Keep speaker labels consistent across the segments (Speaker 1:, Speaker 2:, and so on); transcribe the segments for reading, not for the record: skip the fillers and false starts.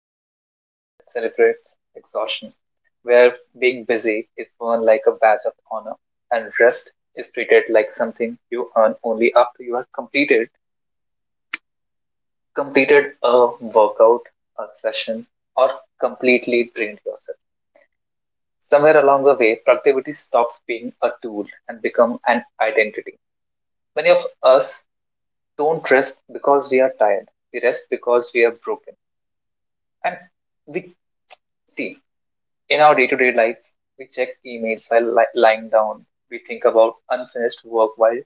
Speaker 1: in a world that celebrates exhaustion, where being busy is worn like a badge of honor and rest is treated like something you earn only after you have completed a workout, a session, or completely drained yourself. Somewhere along the way, productivity stops being a tool and become an identity. Many of us don't rest because we are tired. We rest because we are broken. And we see In our day to day lives, we check emails while lying down. We think about unfinished work while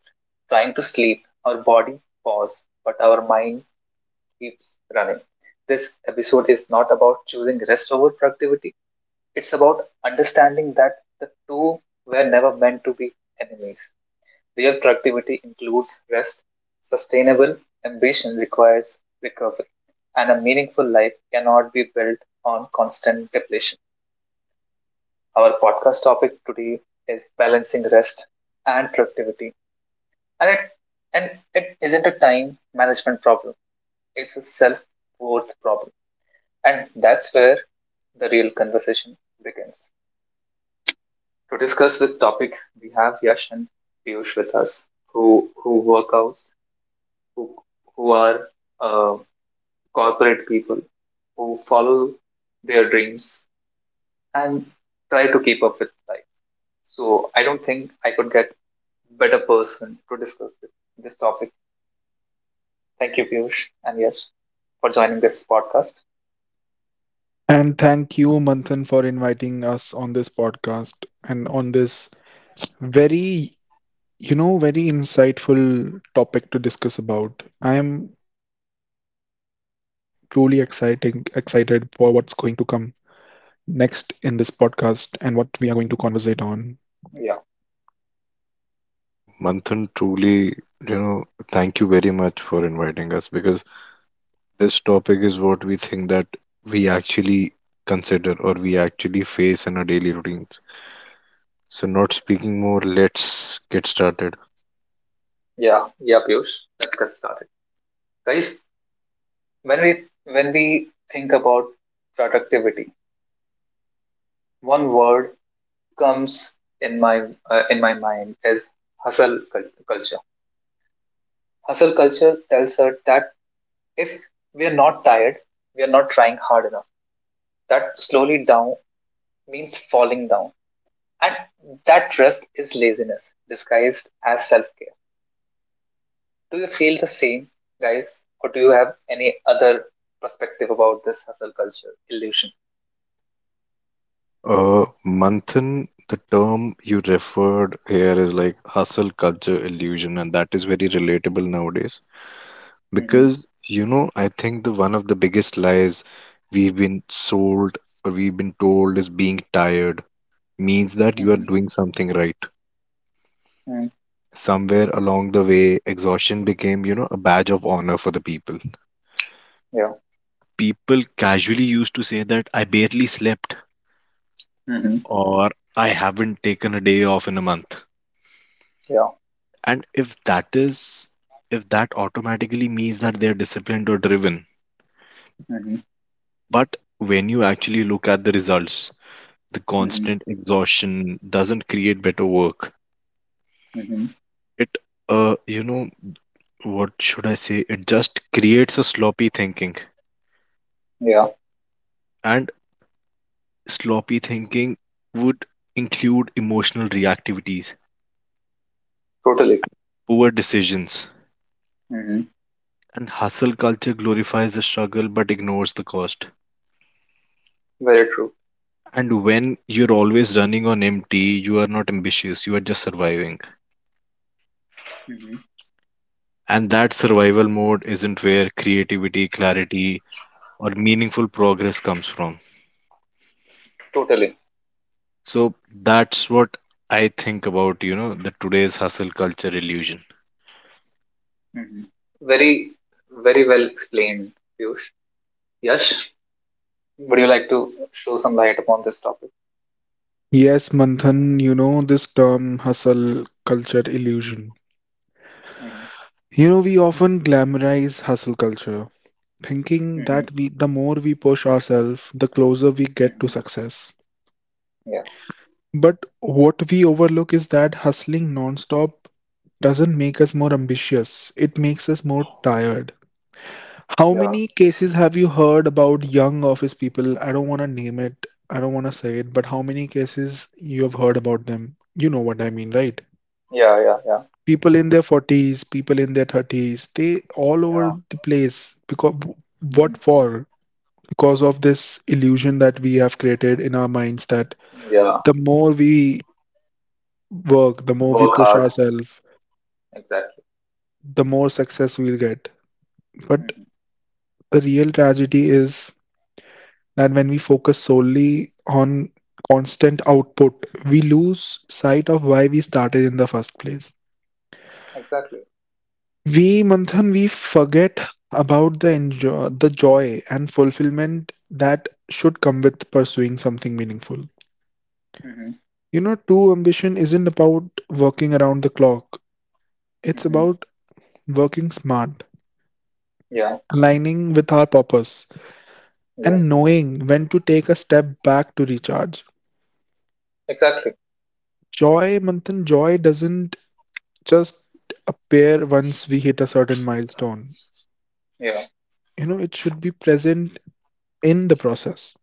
Speaker 1: trying to sleep. Our body pauses, but our mind keeps running. This episode is not about choosing rest over productivity. It's about understanding that the two were never meant to be enemies. Real productivity includes rest. Sustainable ambition requires recovery, and a meaningful life cannot be built on constant depletion. Our podcast topic today is balancing rest and productivity. And it, and it isn't a time management problem, it's a self worth problem. And that's where the real conversation begins. To discuss the topic, we have Yash and Piyush with us, who work out, who, who are uh, corporate people, who follow their dreams and try to keep up with life. So I don't think I could get better person to discuss this topic. Thank you, Piyush, and yes, for joining this podcast.
Speaker 2: And thank you, Manthan, for inviting us on this podcast and on this very, very insightful topic to discuss about. I am truly excited for what's going to come next in this podcast and what we are going to conversate on.
Speaker 1: Yeah,
Speaker 3: Manthan, truly, you know, thank you very much for inviting us because this topic is what we think that we actually consider or we actually face in our daily routines. So, not speaking more, let's get started.
Speaker 1: yeah, yeah, Piyush. Let's get started, guys. When we think about productivity, one word comes in my mind is hustle culture. Hustle culture tells us that if we are not tired, we are not trying hard enough. That slowly down means falling down, and that rest is laziness disguised as self care. Do you feel the same, guys, or do you have any other perspective about this hustle culture illusion?
Speaker 3: Manthan, the term you referred here is like hustle culture illusion, and that is very relatable nowadays
Speaker 1: Hmm.
Speaker 3: because, I think the one of the biggest lies we've been sold or we've been told is being tired means that you are
Speaker 1: Hmm.
Speaker 3: doing something right.
Speaker 1: Hmm.
Speaker 3: Somewhere along the way, exhaustion became, a badge of honor for the people.
Speaker 1: Yeah.
Speaker 3: People casually used to say that I barely slept
Speaker 1: Hmm.
Speaker 3: or I haven't taken a day off in a month.
Speaker 1: Yeah.
Speaker 3: And if that is, if that automatically means that they're disciplined or driven.
Speaker 1: Hmm.
Speaker 3: But when you actually look at the results, the
Speaker 1: Hmm.
Speaker 3: constant exhaustion doesn't create better work.
Speaker 1: Hmm.
Speaker 3: It, uh, you know, what should I say? It just creates a sloppy thinking.
Speaker 1: Yeah.
Speaker 3: And sloppy thinking would include emotional reactivities,
Speaker 1: Totally.
Speaker 3: poor decisions,
Speaker 1: Hmm.
Speaker 3: and hustle culture glorifies the struggle but ignores the cost.
Speaker 1: Very true.
Speaker 3: And when you're always running on empty, you are not ambitious, you are just surviving.
Speaker 1: Hmm.
Speaker 3: And that survival mode isn't where creativity, clarity, or meaningful progress comes from.
Speaker 1: Totally.
Speaker 3: So that's what I think about, the today's hustle culture illusion.
Speaker 1: Hmm. Very, very well explained, Piyush. Yash, would you like to show some light upon this topic?
Speaker 2: Yes, Manthan, you know, this term hustle culture illusion.
Speaker 1: Hmm.
Speaker 2: You know, we often glamorize hustle culture, thinking that
Speaker 1: Hmm.
Speaker 2: we, the more we push ourselves, the closer we get to
Speaker 1: Hmm.
Speaker 2: success.
Speaker 1: Yeah.
Speaker 2: But what we overlook is that hustling nonstop doesn't make us more ambitious, it makes us more tired. How
Speaker 1: Yeah.
Speaker 2: many cases have you heard about young office people? I don't want to name it, I don't want to say it, but how many cases you have heard about them? You know what I mean, right?
Speaker 1: Yeah. Yeah. Yeah.
Speaker 2: People in their 40s, people in their 30s, they all over
Speaker 1: Yeah.
Speaker 2: the place because what
Speaker 1: Hmm.
Speaker 2: for? Because of this illusion that we have created in our minds that
Speaker 1: Yeah.
Speaker 2: the more we work, the more we
Speaker 1: Work
Speaker 2: push
Speaker 1: hard.
Speaker 2: ourselves,
Speaker 1: Exactly.
Speaker 2: the more success we'll get. But
Speaker 1: Hmm.
Speaker 2: the real tragedy is that when we focus solely on constant output, we lose sight of why we started in the first place.
Speaker 1: Exactly.
Speaker 2: We, Manthan, we forget about the joy and fulfillment that should come with pursuing something meaningful.
Speaker 1: Mm-hmm.
Speaker 2: You know, true ambition isn't about working around the clock. It's
Speaker 1: Mm-hmm.
Speaker 2: about working smart,
Speaker 1: Yeah.
Speaker 2: aligning with our purpose,
Speaker 1: Yeah.
Speaker 2: and knowing when to take a step back to recharge.
Speaker 1: Exactly.
Speaker 2: Joy, Manthan, joy doesn't just appear once we hit a certain milestone.
Speaker 1: Yeah.
Speaker 2: You know, it should be present in the process.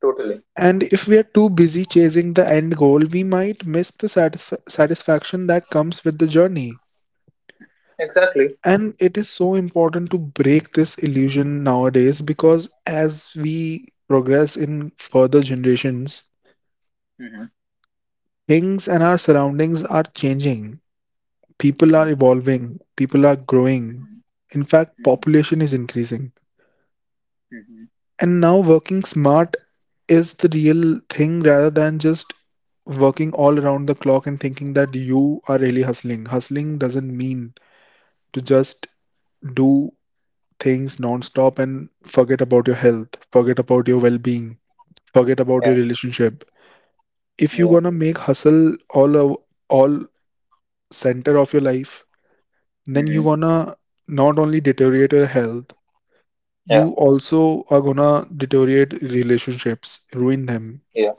Speaker 1: Totally.
Speaker 2: And if we are too busy chasing the end goal, we might miss the satisfaction that comes with the journey.
Speaker 1: Exactly.
Speaker 2: And it is so important to break this illusion nowadays because as we progress in further generations,
Speaker 1: Mm-hmm.
Speaker 2: things and our surroundings are changing. People
Speaker 1: Mm-hmm.
Speaker 2: are evolving, people are growing.
Speaker 1: Mm-hmm.
Speaker 2: In fact,
Speaker 1: Mm-hmm.
Speaker 2: population is increasing.
Speaker 1: Mm-hmm.
Speaker 2: And now working smart is the real thing rather than just working all around the clock and thinking that you are really hustling. Hustling doesn't mean to just do things non-stop and forget about your health, forget about your well-being, forget about your
Speaker 1: Yeah.
Speaker 2: relationship. If you're
Speaker 1: Yeah.
Speaker 2: gonna make hustle all center of your life, then you're
Speaker 1: Mm-hmm.
Speaker 2: gonna not only deteriorate your health, you
Speaker 1: Yeah.
Speaker 2: also are gonna deteriorate relationships, ruin them.
Speaker 1: Yeah.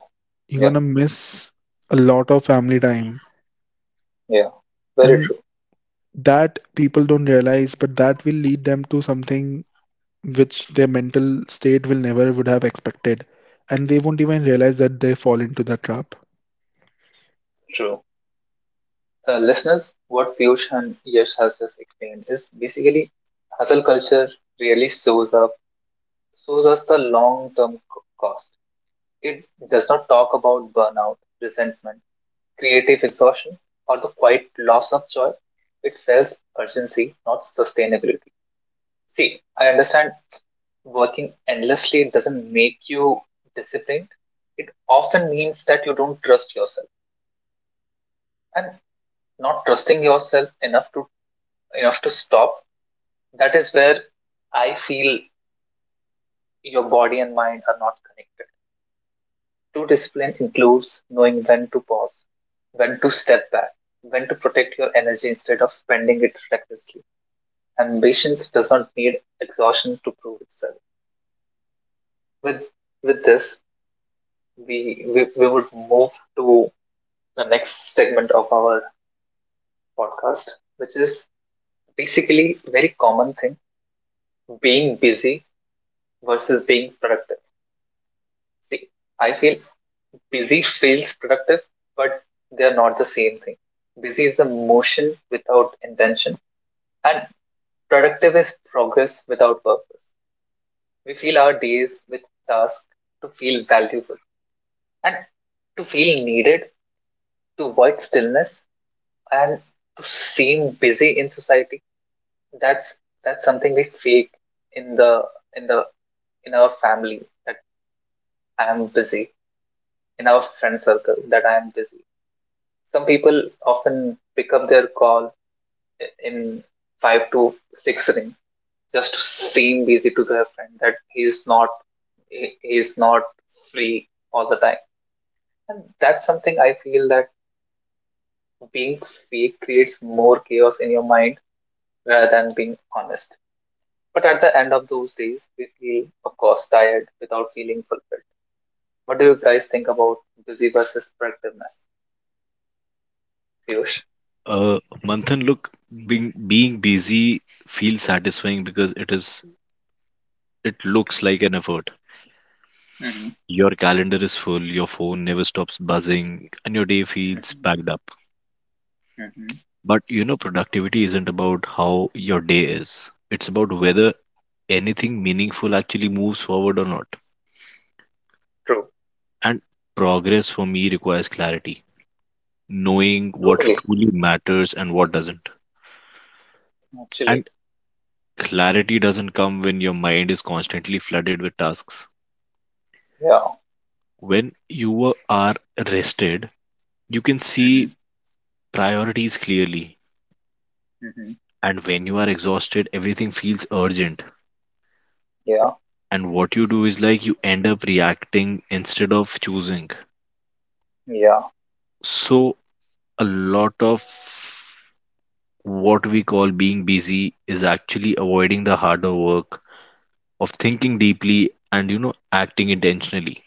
Speaker 2: You're
Speaker 1: Yeah.
Speaker 2: gonna miss a lot of family time.
Speaker 1: Yeah. Very
Speaker 2: And
Speaker 1: true.
Speaker 2: that people don't realize, but that will lead them to something which their mental state will never would have expected. And they won't even realize that they fall into that trap.
Speaker 1: True. Listeners, what Piyush and Yash has just explained is basically hustle culture really shows up, shows us the long term cost. It does not talk about burnout, resentment, creative exhaustion, or the quiet loss of joy. It says urgency, not sustainability. See, I understand working endlessly doesn't make you disciplined. It often means that you don't trust yourself. And not trusting yourself enough to stop, that is where I feel your body and mind are not connected. True discipline includes knowing when to pause, when to step back, when to protect your energy instead of spending it recklessly. Ambitions does not need exhaustion to prove itself. With with this, we would move to the next segment of our podcast, which is basically a very common thing: being busy versus being productive. See, I feel busy feels productive, but they are not the same thing. Busy is the motion without intention, and productive is progress without purpose. We fill our days with tasks to feel valuable and to feel needed, to avoid stillness, and to seem busy in society. That's that's something we fake in the in the in our family that I am busy, in our friend circle that I am busy. Some people often pick up their call in five to six ring just to seem busy to their friend that he is not free all the time. And that's something I feel that being fake creates more chaos in your mind rather than being honest. But at the end of those days, we feel, of course, tired without feeling fulfilled. What do you guys think about busy versus productiveness, Piyush?
Speaker 3: Uh, Manthan, look, being busy feels satisfying because it is. It looks like an effort.
Speaker 1: Mm-hmm.
Speaker 3: Your calendar is full, your phone never stops buzzing, and your day feels
Speaker 1: Mm-hmm.
Speaker 3: packed up.
Speaker 1: Mm-hmm.
Speaker 3: But you know, productivity isn't about how your day is, it's about whether anything meaningful actually moves forward or not.
Speaker 1: True.
Speaker 3: And progress for me requires clarity, knowing what
Speaker 1: Totally.
Speaker 3: truly matters and what doesn't.
Speaker 1: Actually.
Speaker 3: And clarity doesn't come when your mind is constantly flooded with tasks.
Speaker 1: Yeah.
Speaker 3: When you are rested, you can
Speaker 1: Mm-hmm.
Speaker 3: see priorities clearly.
Speaker 1: Mm-hmm.
Speaker 3: And when you are exhausted, everything feels urgent.
Speaker 1: Yeah.
Speaker 3: And what you do is like you end up reacting instead of choosing.
Speaker 1: Yeah.
Speaker 3: So, a lot of what we call being busy is actually avoiding the harder work of thinking deeply and, acting intentionally.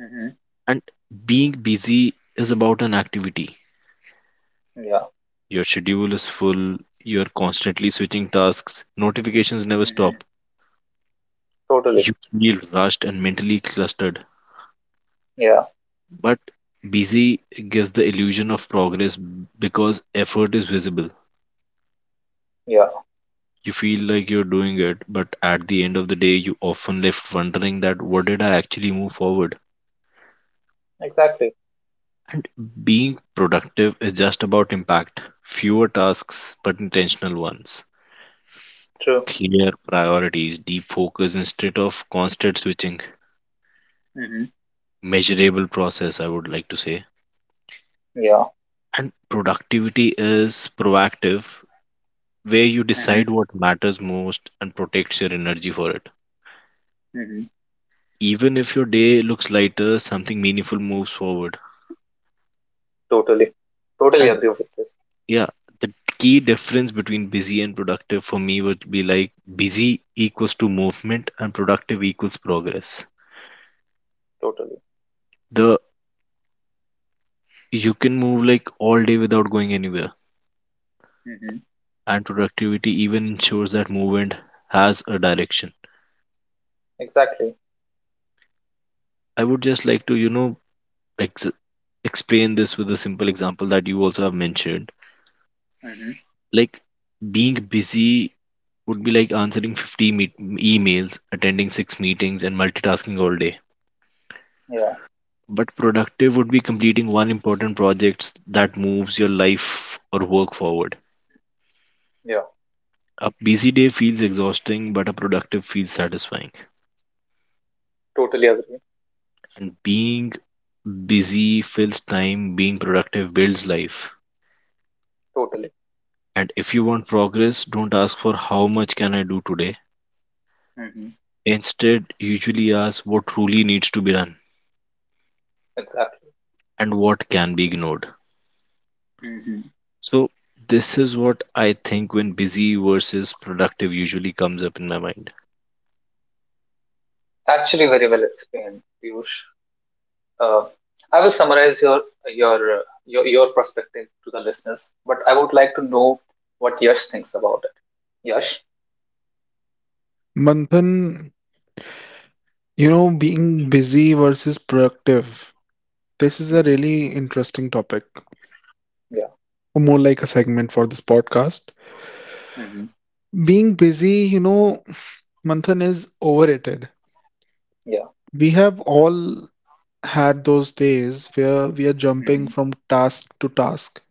Speaker 1: Mm-hmm.
Speaker 3: And being busy is about an activity.
Speaker 1: Yeah.
Speaker 3: Your schedule is full, you're constantly switching tasks, notifications never
Speaker 1: Mm-hmm.
Speaker 3: stop.
Speaker 1: Totally.
Speaker 3: You feel rushed and mentally clustered.
Speaker 1: Yeah.
Speaker 3: But busy gives the illusion of progress because effort is visible.
Speaker 1: Yeah.
Speaker 3: You feel like you're doing it, but at the end of the day, you often left wondering that what did I actually move forward?
Speaker 1: Exactly.
Speaker 3: And being productive is just about impact. Fewer tasks, but intentional ones.
Speaker 1: True.
Speaker 3: Clear priorities, deep focus instead of constant switching.
Speaker 1: Mm-hmm.
Speaker 3: Measurable process, I would like to say.
Speaker 1: Yeah.
Speaker 3: And productivity is proactive, where you
Speaker 1: Mm-hmm.
Speaker 3: decide what matters most and protects your energy for it.
Speaker 1: Mm-hmm.
Speaker 3: Even if your day looks lighter, something meaningful moves forward.
Speaker 1: Totally. Totally
Speaker 3: And
Speaker 1: agree with this.
Speaker 3: yeah, the key difference between busy and productive for me would be like busy equals to movement and productive equals progress.
Speaker 1: Totally.
Speaker 3: The you can move like all day without going anywhere,
Speaker 1: Mm-hmm.
Speaker 3: and productivity even ensures that movement has a direction.
Speaker 1: Exactly.
Speaker 3: I would just like to, ex- explain this with a simple example that you also have mentioned,
Speaker 1: Mm-hmm.
Speaker 3: like being busy would be like answering 50 emails, attending six meetings and multitasking all day,
Speaker 1: Yeah.
Speaker 3: but productive would be completing one important project that moves your life or work forward.
Speaker 1: Yeah.
Speaker 3: A busy day feels exhausting but a productive feels satisfying,
Speaker 1: Totally agree.
Speaker 3: and being busy fills time, being productive builds life.
Speaker 1: Totally.
Speaker 3: And if you want progress, don't ask for how much can I do today,
Speaker 1: Mm-hmm.
Speaker 3: instead usually ask what truly needs to be done
Speaker 1: Exactly.
Speaker 3: and what can be ignored.
Speaker 1: Mm-hmm.
Speaker 3: So this is what I think when busy versus productive usually comes up in my mind.
Speaker 1: Actually, very well explained, Piyush. Uh, I will summarize your perspective to the listeners, but I would like to know what Yash thinks about it. Yash.
Speaker 2: Manthan, you know, being busy versus productive. This is a
Speaker 1: Mm-hmm.
Speaker 2: really interesting topic,
Speaker 1: Yeah.
Speaker 2: or more like a segment for this podcast.
Speaker 1: Mm-hmm.
Speaker 2: Being busy, you know, Manthan is overrated.
Speaker 1: Yeah.
Speaker 2: We have all had those days where we are jumping
Speaker 1: Mm-hmm.
Speaker 2: from task to task,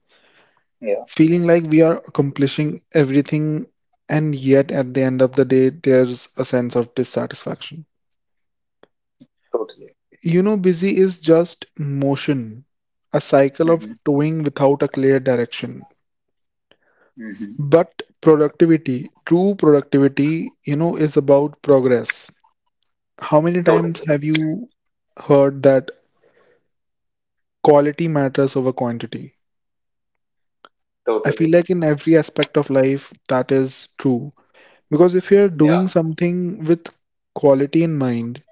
Speaker 1: Yeah.
Speaker 2: feeling like we are accomplishing everything, and yet at the end of the day, there's a sense of dissatisfaction.
Speaker 1: Totally.
Speaker 2: You know, busy is just motion, a cycle of
Speaker 1: Mm-hmm.
Speaker 2: doing without a clear direction.
Speaker 1: Mm-hmm.
Speaker 2: But productivity, true productivity, you know, is about progress. How many times
Speaker 1: Totally.
Speaker 2: have you heard that quality matters over quantity? I feel
Speaker 1: Totally.
Speaker 2: like in every aspect of life that is true. Because if you're
Speaker 1: Yeah.
Speaker 2: doing something with quality in mind,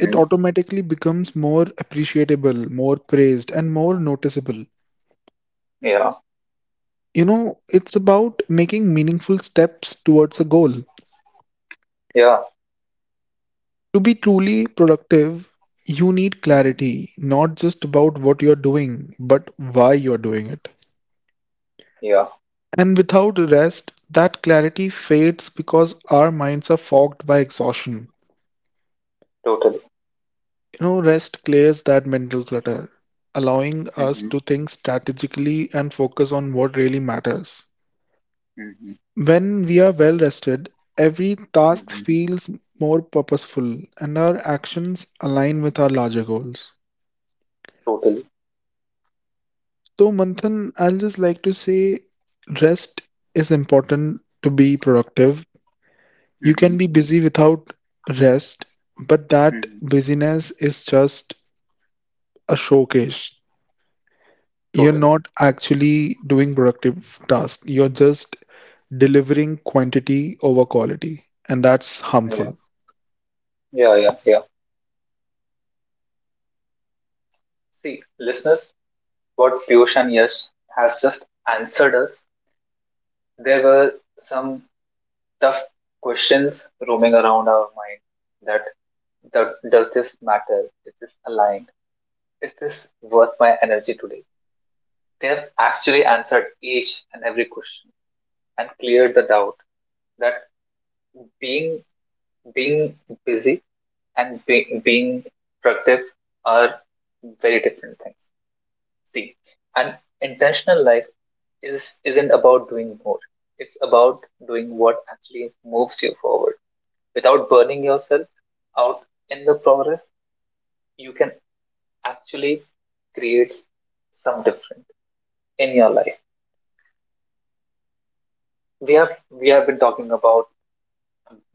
Speaker 2: it automatically becomes more appreciable, more praised, and more noticeable.
Speaker 1: Yeah.
Speaker 2: You know, it's about making meaningful steps towards a goal.
Speaker 1: Yeah.
Speaker 2: To be truly productive, you need
Speaker 1: Mm-hmm.
Speaker 2: clarity, not just about what you're doing, but why you're doing it.
Speaker 1: Yeah.
Speaker 2: And without rest, that clarity fades because our minds are fogged by exhaustion.
Speaker 1: Totally.
Speaker 2: You know, rest clears that mental clutter, allowing us
Speaker 1: Mm-hmm.
Speaker 2: to think strategically and focus on what really matters.
Speaker 1: Mm-hmm.
Speaker 2: When we are well rested, every task
Speaker 1: Mm-hmm.
Speaker 2: feels more purposeful and our actions align with our larger goals.
Speaker 1: Totally.
Speaker 2: So, Manthan, I'll just like to say rest is important to be productive. You
Speaker 1: Mm-hmm.
Speaker 2: can be busy without rest, but that
Speaker 1: Mm.
Speaker 2: busyness is just a showcase. You're
Speaker 1: Totally.
Speaker 2: not actually doing productive tasks, you're just delivering quantity over quality, and that's
Speaker 1: Yeah.
Speaker 2: harmful.
Speaker 1: Yeah. Yeah. Yeah. See, listeners, what Piyush and Yash has just answered us, there were some tough questions roaming around our mind that, that does this matter? Is this aligned? Is this worth my energy today? They have actually answered each and every question and cleared the doubt that being being busy and being productive are very different things. See, an intentional life is isn't about doing more. It's about doing what actually moves you forward. Without burning yourself out in the progress, you can actually create some different in your life. We have been talking about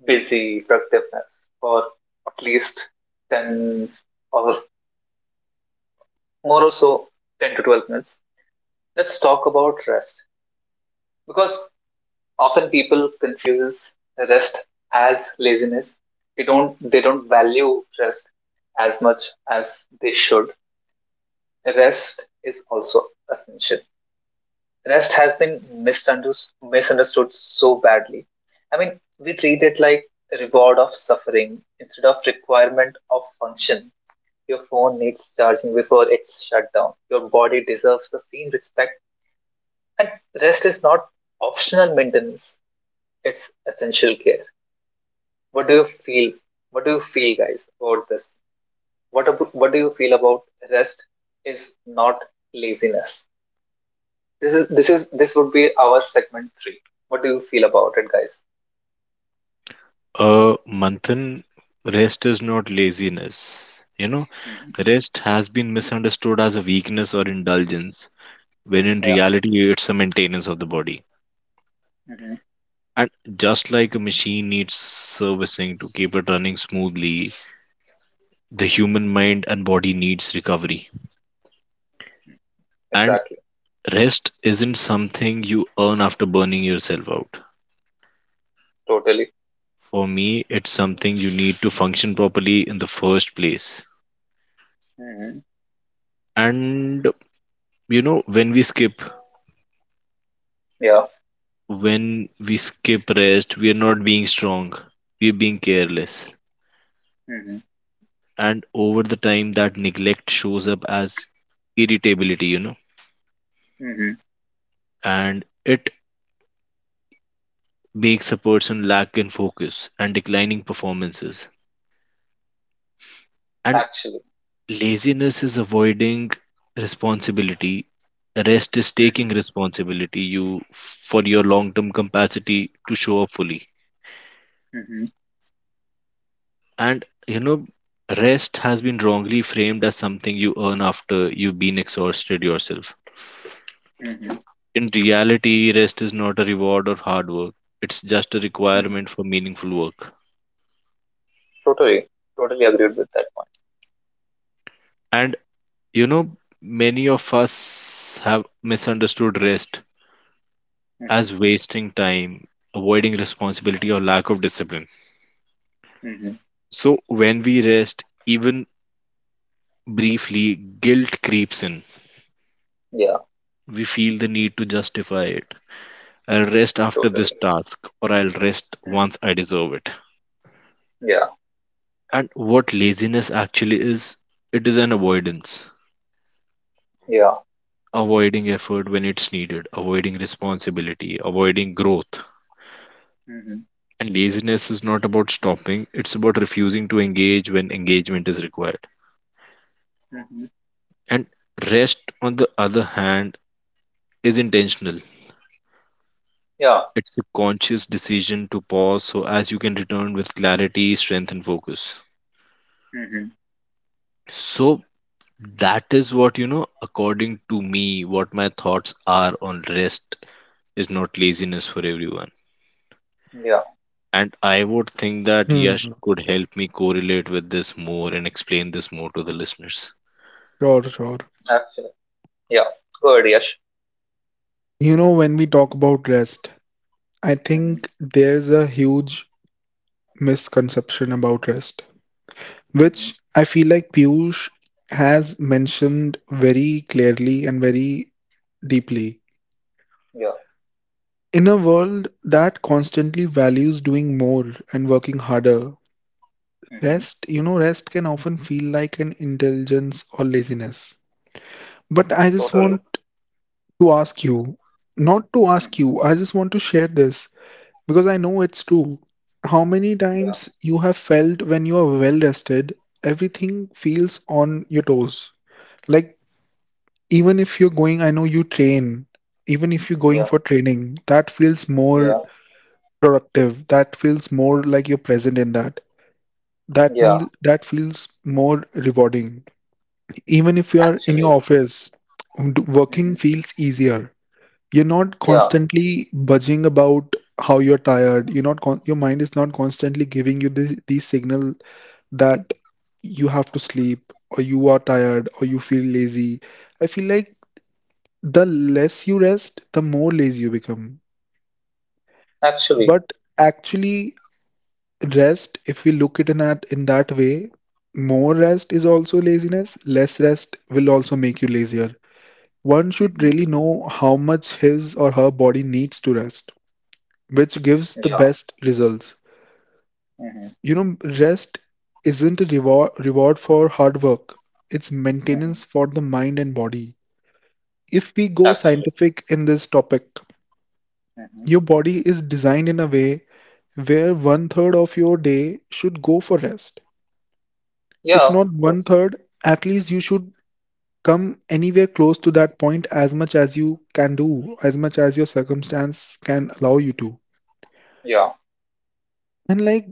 Speaker 1: busy productiveness for at least ten or more or so 10 to 12 minutes. Let's talk about rest because often people confuses rest as laziness. They don't value rest as much as they should. Rest is also essential. Rest has been misunderstood so badly. I mean, we treat it like a reward of suffering instead of requirement of function. Your phone needs charging before it's shut down. Your body deserves the same respect. And rest is not optional maintenance, it's essential care. What do you feel? What do you feel, guys, about this? What do you feel about rest is not laziness? This would be our segment three. What do you feel about it, guys?
Speaker 3: Manthan, rest is not laziness. You know,
Speaker 1: Hmm.
Speaker 3: rest has been misunderstood as a weakness or indulgence, when in
Speaker 1: Yeah.
Speaker 3: reality it's a maintenance of the body.
Speaker 1: Hmm.
Speaker 3: And just like a machine needs servicing to keep it running smoothly, the human mind and body needs recovery. And
Speaker 1: Exactly.
Speaker 3: rest isn't something you earn after burning yourself out.
Speaker 1: Totally.
Speaker 3: For me, it's something you need to function properly in the first place.
Speaker 1: Hmm.
Speaker 3: And you know,
Speaker 1: Yeah.
Speaker 3: when we skip rest, we are not being strong, we're being
Speaker 1: Hmm.
Speaker 3: careless.
Speaker 1: Hmm.
Speaker 3: And over the time, that neglect shows up as irritability,
Speaker 1: Hmm.
Speaker 3: and it makes a person lack in focus and declining performances. And
Speaker 1: Actually.
Speaker 3: laziness is avoiding responsibility. Rest is taking
Speaker 1: Hmm.
Speaker 3: responsibility you for your long-term capacity to show up fully.
Speaker 1: Hmm.
Speaker 3: And you know, rest has been wrongly framed as something you earn after you've been exhausted yourself.
Speaker 1: Hmm. Hmm.
Speaker 3: In reality, rest is not a reward or hard work. It's just a requirement for meaningful work.
Speaker 1: Totally. Totally agreed with that point.
Speaker 3: And you know, many of us have misunderstood rest as wasting time, avoiding responsibility or lack of discipline.
Speaker 1: Hmm. Hmm.
Speaker 3: So, when we rest, even briefly, guilt creeps in.
Speaker 1: Yeah.
Speaker 3: We feel the need to justify it. I'll rest after
Speaker 1: Totally.
Speaker 3: this task, or I'll rest
Speaker 1: Hmm.
Speaker 3: once I deserve it.
Speaker 1: Yeah.
Speaker 3: And what laziness actually is, it is an avoidance.
Speaker 1: Yeah.
Speaker 3: Avoiding effort when it's needed, avoiding responsibility, avoiding growth.
Speaker 1: Hmm.
Speaker 3: And laziness is not about stopping, it's about refusing to engage when engagement is required.
Speaker 1: Hmm.
Speaker 3: And rest, on the other hand, is intentional.
Speaker 1: Yeah.
Speaker 3: It's a conscious decision to pause so as you can return with clarity, strength, and focus.
Speaker 1: Hmm.
Speaker 3: So that is what, according to me, what my thoughts are on rest is not laziness for everyone.
Speaker 1: Yeah.
Speaker 3: And I would think that Yash
Speaker 2: Hmm.
Speaker 3: could help me correlate with this more and explain this more to the listeners.
Speaker 2: Sure, sure.
Speaker 1: Actually, yeah, good, Yash.
Speaker 2: You know, when we talk about rest, I
Speaker 1: Mm-hmm.
Speaker 2: think there's a huge misconception about rest,
Speaker 1: Mm-hmm.
Speaker 2: which I feel like Piyush has mentioned very clearly and very deeply.
Speaker 1: Yeah.
Speaker 2: In a world that constantly values doing more and working harder,
Speaker 1: Mm-hmm.
Speaker 2: rest, you know, rest can often feel like an indulgence or laziness. But I just
Speaker 1: Totally.
Speaker 2: want to ask you, not to ask you, I
Speaker 1: Mm-hmm.
Speaker 2: just want to share this. Because I know it's true. How many
Speaker 1: Yeah.
Speaker 2: times you have felt when you are well rested, everything feels on your toes. Like, even if you're going, I know you train, even if you're going
Speaker 1: Yeah.
Speaker 2: for training, that feels more
Speaker 1: Yeah.
Speaker 2: productive. That feels more like you're present in that. That
Speaker 1: Yeah.
Speaker 2: meal that feels more rewarding. Even if you are in your
Speaker 1: Actually.
Speaker 2: office,
Speaker 1: Mm-hmm.
Speaker 2: working feels easier. You're not
Speaker 1: Yeah.
Speaker 2: constantly budging about how you're tired. You're not con- Your mind is not constantly giving you this these signal that you have to sleep or you are tired or you feel lazy. I feel like the less you rest, the more lazy you become.
Speaker 1: Actually.
Speaker 2: But actually, rest, if we look at it in that way, more rest is also laziness. Less rest will also make you lazier. One should
Speaker 1: Mm-hmm.
Speaker 2: really know how much his or her body needs to rest, which gives the
Speaker 1: Yeah.
Speaker 2: best results.
Speaker 1: Mm-hmm.
Speaker 2: You know, rest isn't a reward for hard work. It's
Speaker 1: Mm-hmm.
Speaker 2: maintenance for the mind and body. If we go
Speaker 1: Actually.
Speaker 2: scientific in this topic,
Speaker 1: Mm-hmm.
Speaker 2: your body is designed in a way where one third of your day should go for rest. If
Speaker 1: Yeah. Of
Speaker 2: not one
Speaker 1: course.
Speaker 2: third, at least you should come anywhere close to that point as much as you can do, as much as your circumstance can allow you to.
Speaker 1: Yeah.
Speaker 2: And like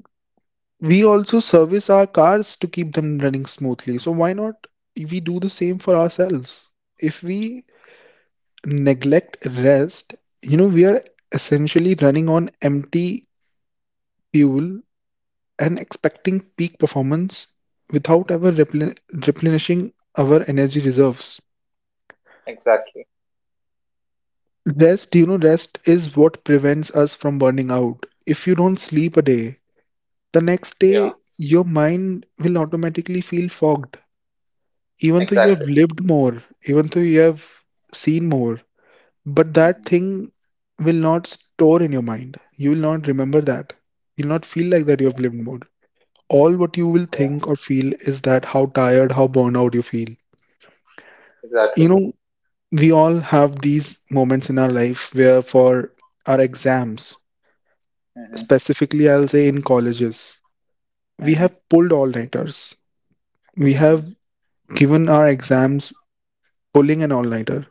Speaker 2: we also service our cars to keep them running smoothly. So why not we do the same for ourselves? If we neglect rest, you know, we are essentially running on empty fuel and expecting peak performance without ever replenishing our energy reserves.
Speaker 1: Exactly.
Speaker 2: Rest, you know, rest is what prevents us from burning out. If you don't sleep a day, the next
Speaker 1: Yeah.
Speaker 2: day your mind will automatically feel fogged even though you have
Speaker 1: Exactly.
Speaker 2: lived more, even though you have seen more, but that
Speaker 1: Mm-hmm.
Speaker 2: thing will not store in your mind. You will not remember that. You'll not feel like that you have
Speaker 1: Yeah.
Speaker 2: lived more. All what you will
Speaker 1: Yeah.
Speaker 2: think or feel is that how tired, how burned out you feel. You
Speaker 1: Exactly.
Speaker 2: know, we all have these moments in our life where for our exams,
Speaker 1: Mm-hmm.
Speaker 2: specifically I'll say in colleges, we
Speaker 1: Mm-hmm.
Speaker 2: have pulled all-nighters. We
Speaker 1: Mm-hmm.
Speaker 2: have given our exams pulling an all-nighter.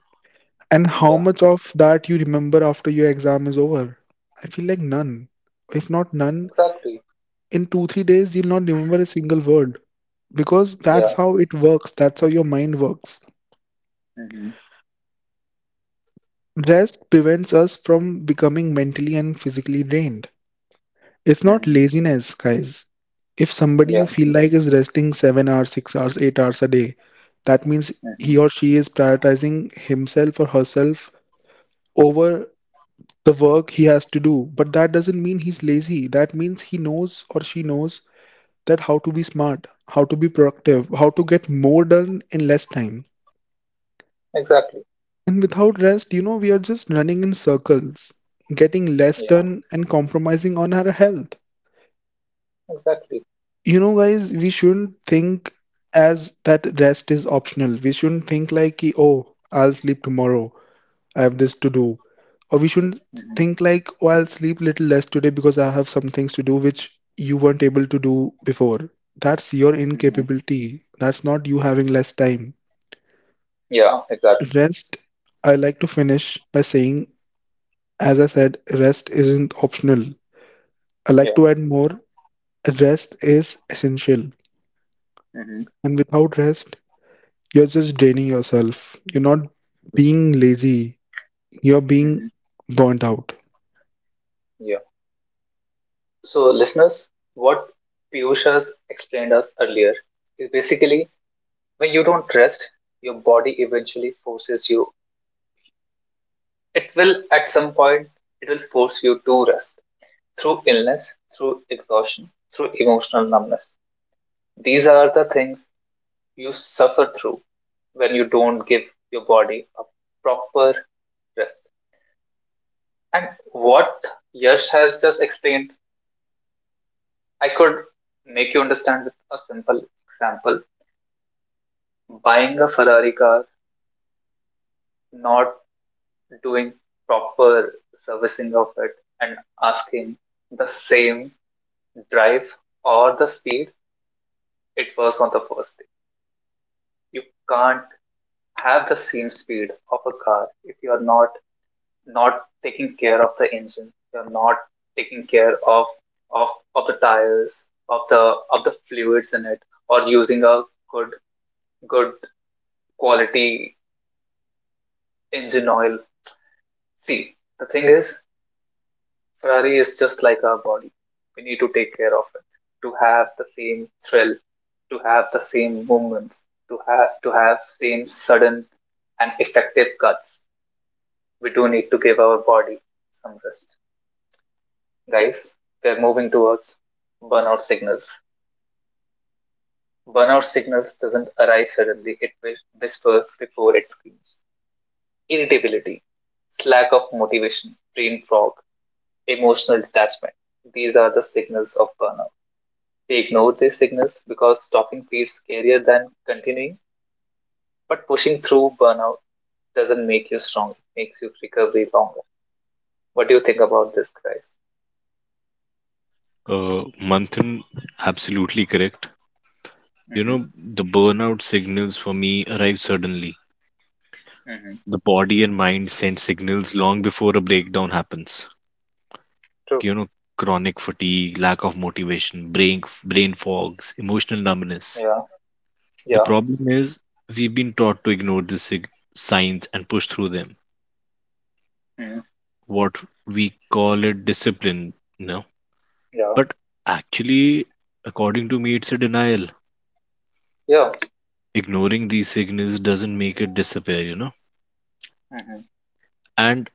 Speaker 2: And how
Speaker 1: Yeah.
Speaker 2: much of that you remember after your exam is over? I feel like none. If not none,
Speaker 1: Exactly.
Speaker 2: in two, 3 days, you'll not remember a single word because that's
Speaker 1: Yeah.
Speaker 2: how it works. That's how your mind works.
Speaker 1: Mm-hmm.
Speaker 2: Rest prevents us from becoming mentally and physically drained. It's not
Speaker 1: Mm-hmm.
Speaker 2: laziness, guys. If somebody you
Speaker 1: Yeah.
Speaker 2: feel like is resting 7 hours, 6 hours, 8 hours a day, that means
Speaker 1: Mm-hmm.
Speaker 2: he or she is prioritizing himself or herself over the work he has to do. But that doesn't mean he's lazy. That means he knows or she knows that how to be smart, how to be productive, how to get more done in less time.
Speaker 1: Exactly.
Speaker 2: And without rest, you know, we are just running in circles, getting less
Speaker 1: Yeah.
Speaker 2: done and compromising on our health.
Speaker 1: Exactly.
Speaker 2: You know, guys, we shouldn't think as that rest is optional. We shouldn't think like, ki, oh, I'll sleep tomorrow. I have this to do. Or we shouldn't
Speaker 1: Mm-hmm.
Speaker 2: think like, oh, I'll sleep little less today because I have some things to do which you weren't able to do before. That's your
Speaker 1: Mm-hmm.
Speaker 2: incapability. That's not you having less time.
Speaker 1: Yeah. Exactly.
Speaker 2: Rest, I like to finish by saying, as I said, rest isn't optional. I like
Speaker 1: Yeah.
Speaker 2: to add more, rest is essential.
Speaker 1: Hmm.
Speaker 2: And without rest, you're just draining yourself. You're not being lazy, you're being
Speaker 1: Hmm.
Speaker 2: burnt out.
Speaker 1: Yeah. So, listeners, what Piyush has explained us earlier is basically when you don't rest, your body eventually forces you. It will, at some point, it will force you to rest through illness, through exhaustion, through emotional numbness. These are the things you suffer through when you don't give your body a proper rest. And what Yash has just explained I could make you understand with a simple example. Buying a Ferrari car, not doing proper servicing of it, and asking the same drive or the speed it was on the first day. You can't have the same speed of a car if you are not taking care of the engine. You're not taking care of of the tires, of the fluids in it, or using a good good quality engine oil. See, the thing is, Ferrari is just like our body. We need to take care of it to have the same thrill, to have the same movements, to have same sudden and effective cuts. We do need to give our body some rest, guys. They are moving towards burnout signals. Burnout signals doesn't arrive suddenly; it whispers before it screams. Irritability, lack of motivation, brain fog, emotional detachment. These are the signals of burnout. They ignore these signals because stopping feels scarier than continuing. But pushing through burnout doesn't make you strong, it makes you recovery longer. What do you think about this, guys?
Speaker 3: Manthan, absolutely correct. You
Speaker 1: Mm-hmm.
Speaker 3: know, the burnout signals for me arrive suddenly.
Speaker 1: Mm-hmm.
Speaker 3: The body and mind send signals long before a breakdown happens.
Speaker 1: True.
Speaker 3: You know, chronic fatigue, lack of motivation, brain fogs, emotional numbness.
Speaker 1: Yeah.
Speaker 3: The
Speaker 1: Yeah.
Speaker 3: problem is we've been taught to ignore the signs and push through them.
Speaker 1: Mm-hmm.
Speaker 3: What we call it discipline, you know.
Speaker 1: Yeah.
Speaker 3: But actually, according to me, it's a denial.
Speaker 1: Yeah.
Speaker 3: Ignoring these signals doesn't make it disappear,
Speaker 1: Mm-hmm.
Speaker 3: and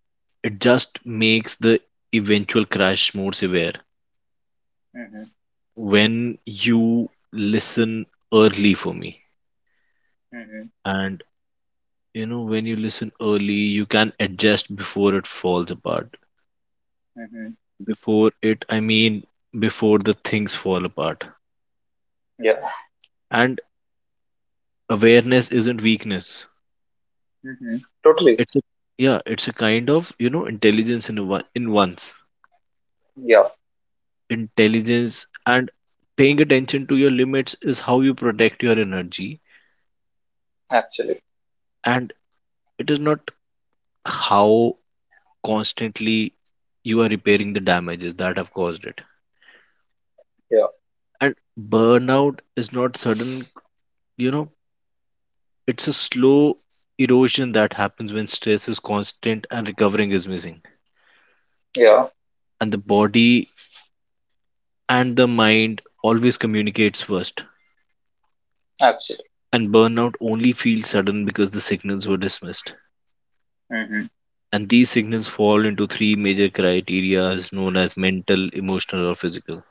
Speaker 3: it just makes the eventual crash more severe.
Speaker 1: Mm-hmm.
Speaker 3: When you listen early for me,
Speaker 1: Mm-hmm.
Speaker 3: and You know, when you listen early, you can adjust before it falls apart.
Speaker 1: Mm-hmm.
Speaker 3: Before it, I mean, before the things fall apart.
Speaker 1: Yeah.
Speaker 3: And awareness isn't weakness.
Speaker 1: Mm-hmm. Totally.
Speaker 3: It's a yeah, it's a kind of intelligence in in ones
Speaker 1: Yeah.
Speaker 3: intelligence and paying attention to your limits is how you protect your energy,
Speaker 1: Actually.
Speaker 3: and it is not how constantly you are repairing the damages that have caused it.
Speaker 1: Yeah.
Speaker 3: And burnout is not sudden, you know. It's a slow erosion that happens when stress is constant and recovering is missing.
Speaker 1: Yeah.
Speaker 3: And the body and the mind always communicates first.
Speaker 1: Actually.
Speaker 3: And burnout only feels sudden because the signals were dismissed.
Speaker 1: Mm-hmm.
Speaker 3: And these signals fall into three major criteria known as mental, emotional, or physical.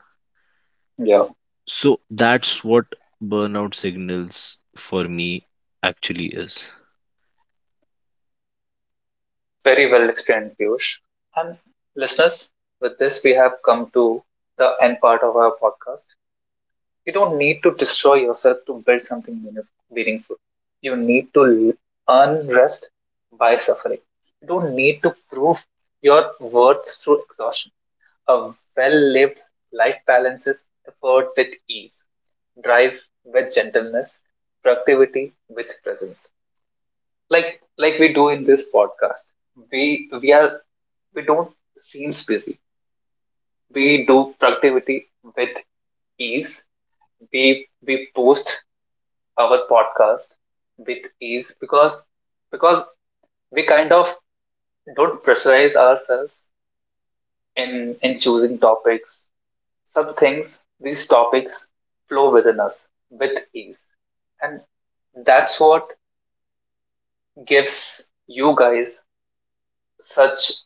Speaker 1: Yeah.
Speaker 3: So that's what burnout signals for me actually is.
Speaker 1: Very well explained, Piyush. And listeners, with this, we have come to the end part of our podcast. You don't need to destroy yourself to build something meaningful. You need to earn rest by suffering. You don't need to prove your worth through exhaustion. A well lived life balances effort with ease, drive with gentleness, productivity with presence. Like we do in this podcast, we are we don't seem busy, we do productivity with ease. We post our podcast with ease because because we kind of don't pressurize ourselves in in choosing topics. Some things, these topics flow within us with ease, and that's what gives you guys such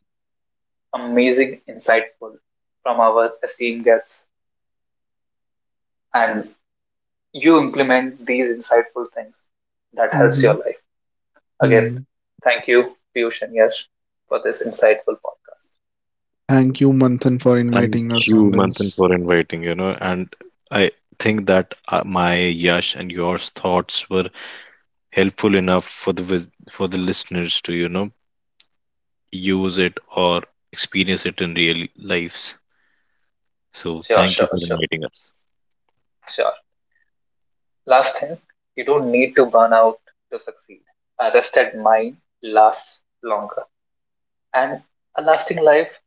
Speaker 1: amazing, insightful from our esteemed guests, and you implement these insightful things that helps
Speaker 2: Mm-hmm.
Speaker 1: your life. Again,
Speaker 2: Mm.
Speaker 1: thank you, Piyush and Yash, for this insightful podcast.
Speaker 2: Thank you, Manthan, for
Speaker 3: Thank
Speaker 2: inviting us on
Speaker 3: you,
Speaker 2: this.
Speaker 3: Manthan, for inviting, and I think that my Yash and yours thoughts were helpful enough for the for the listeners to use it or experience it in real lives, so
Speaker 1: Sure,
Speaker 3: thank you
Speaker 1: sure,
Speaker 3: for
Speaker 1: sure,
Speaker 3: inviting us.
Speaker 1: sure. Last thing, you don't need to burn out to succeed. A rested mind lasts longer, and a lasting life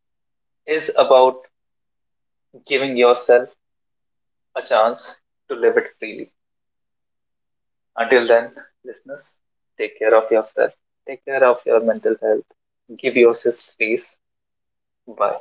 Speaker 1: is about giving yourself a chance to live it freely. Until then, listeners, take care of yourself, take care of your mental health, give yourself space. Bye.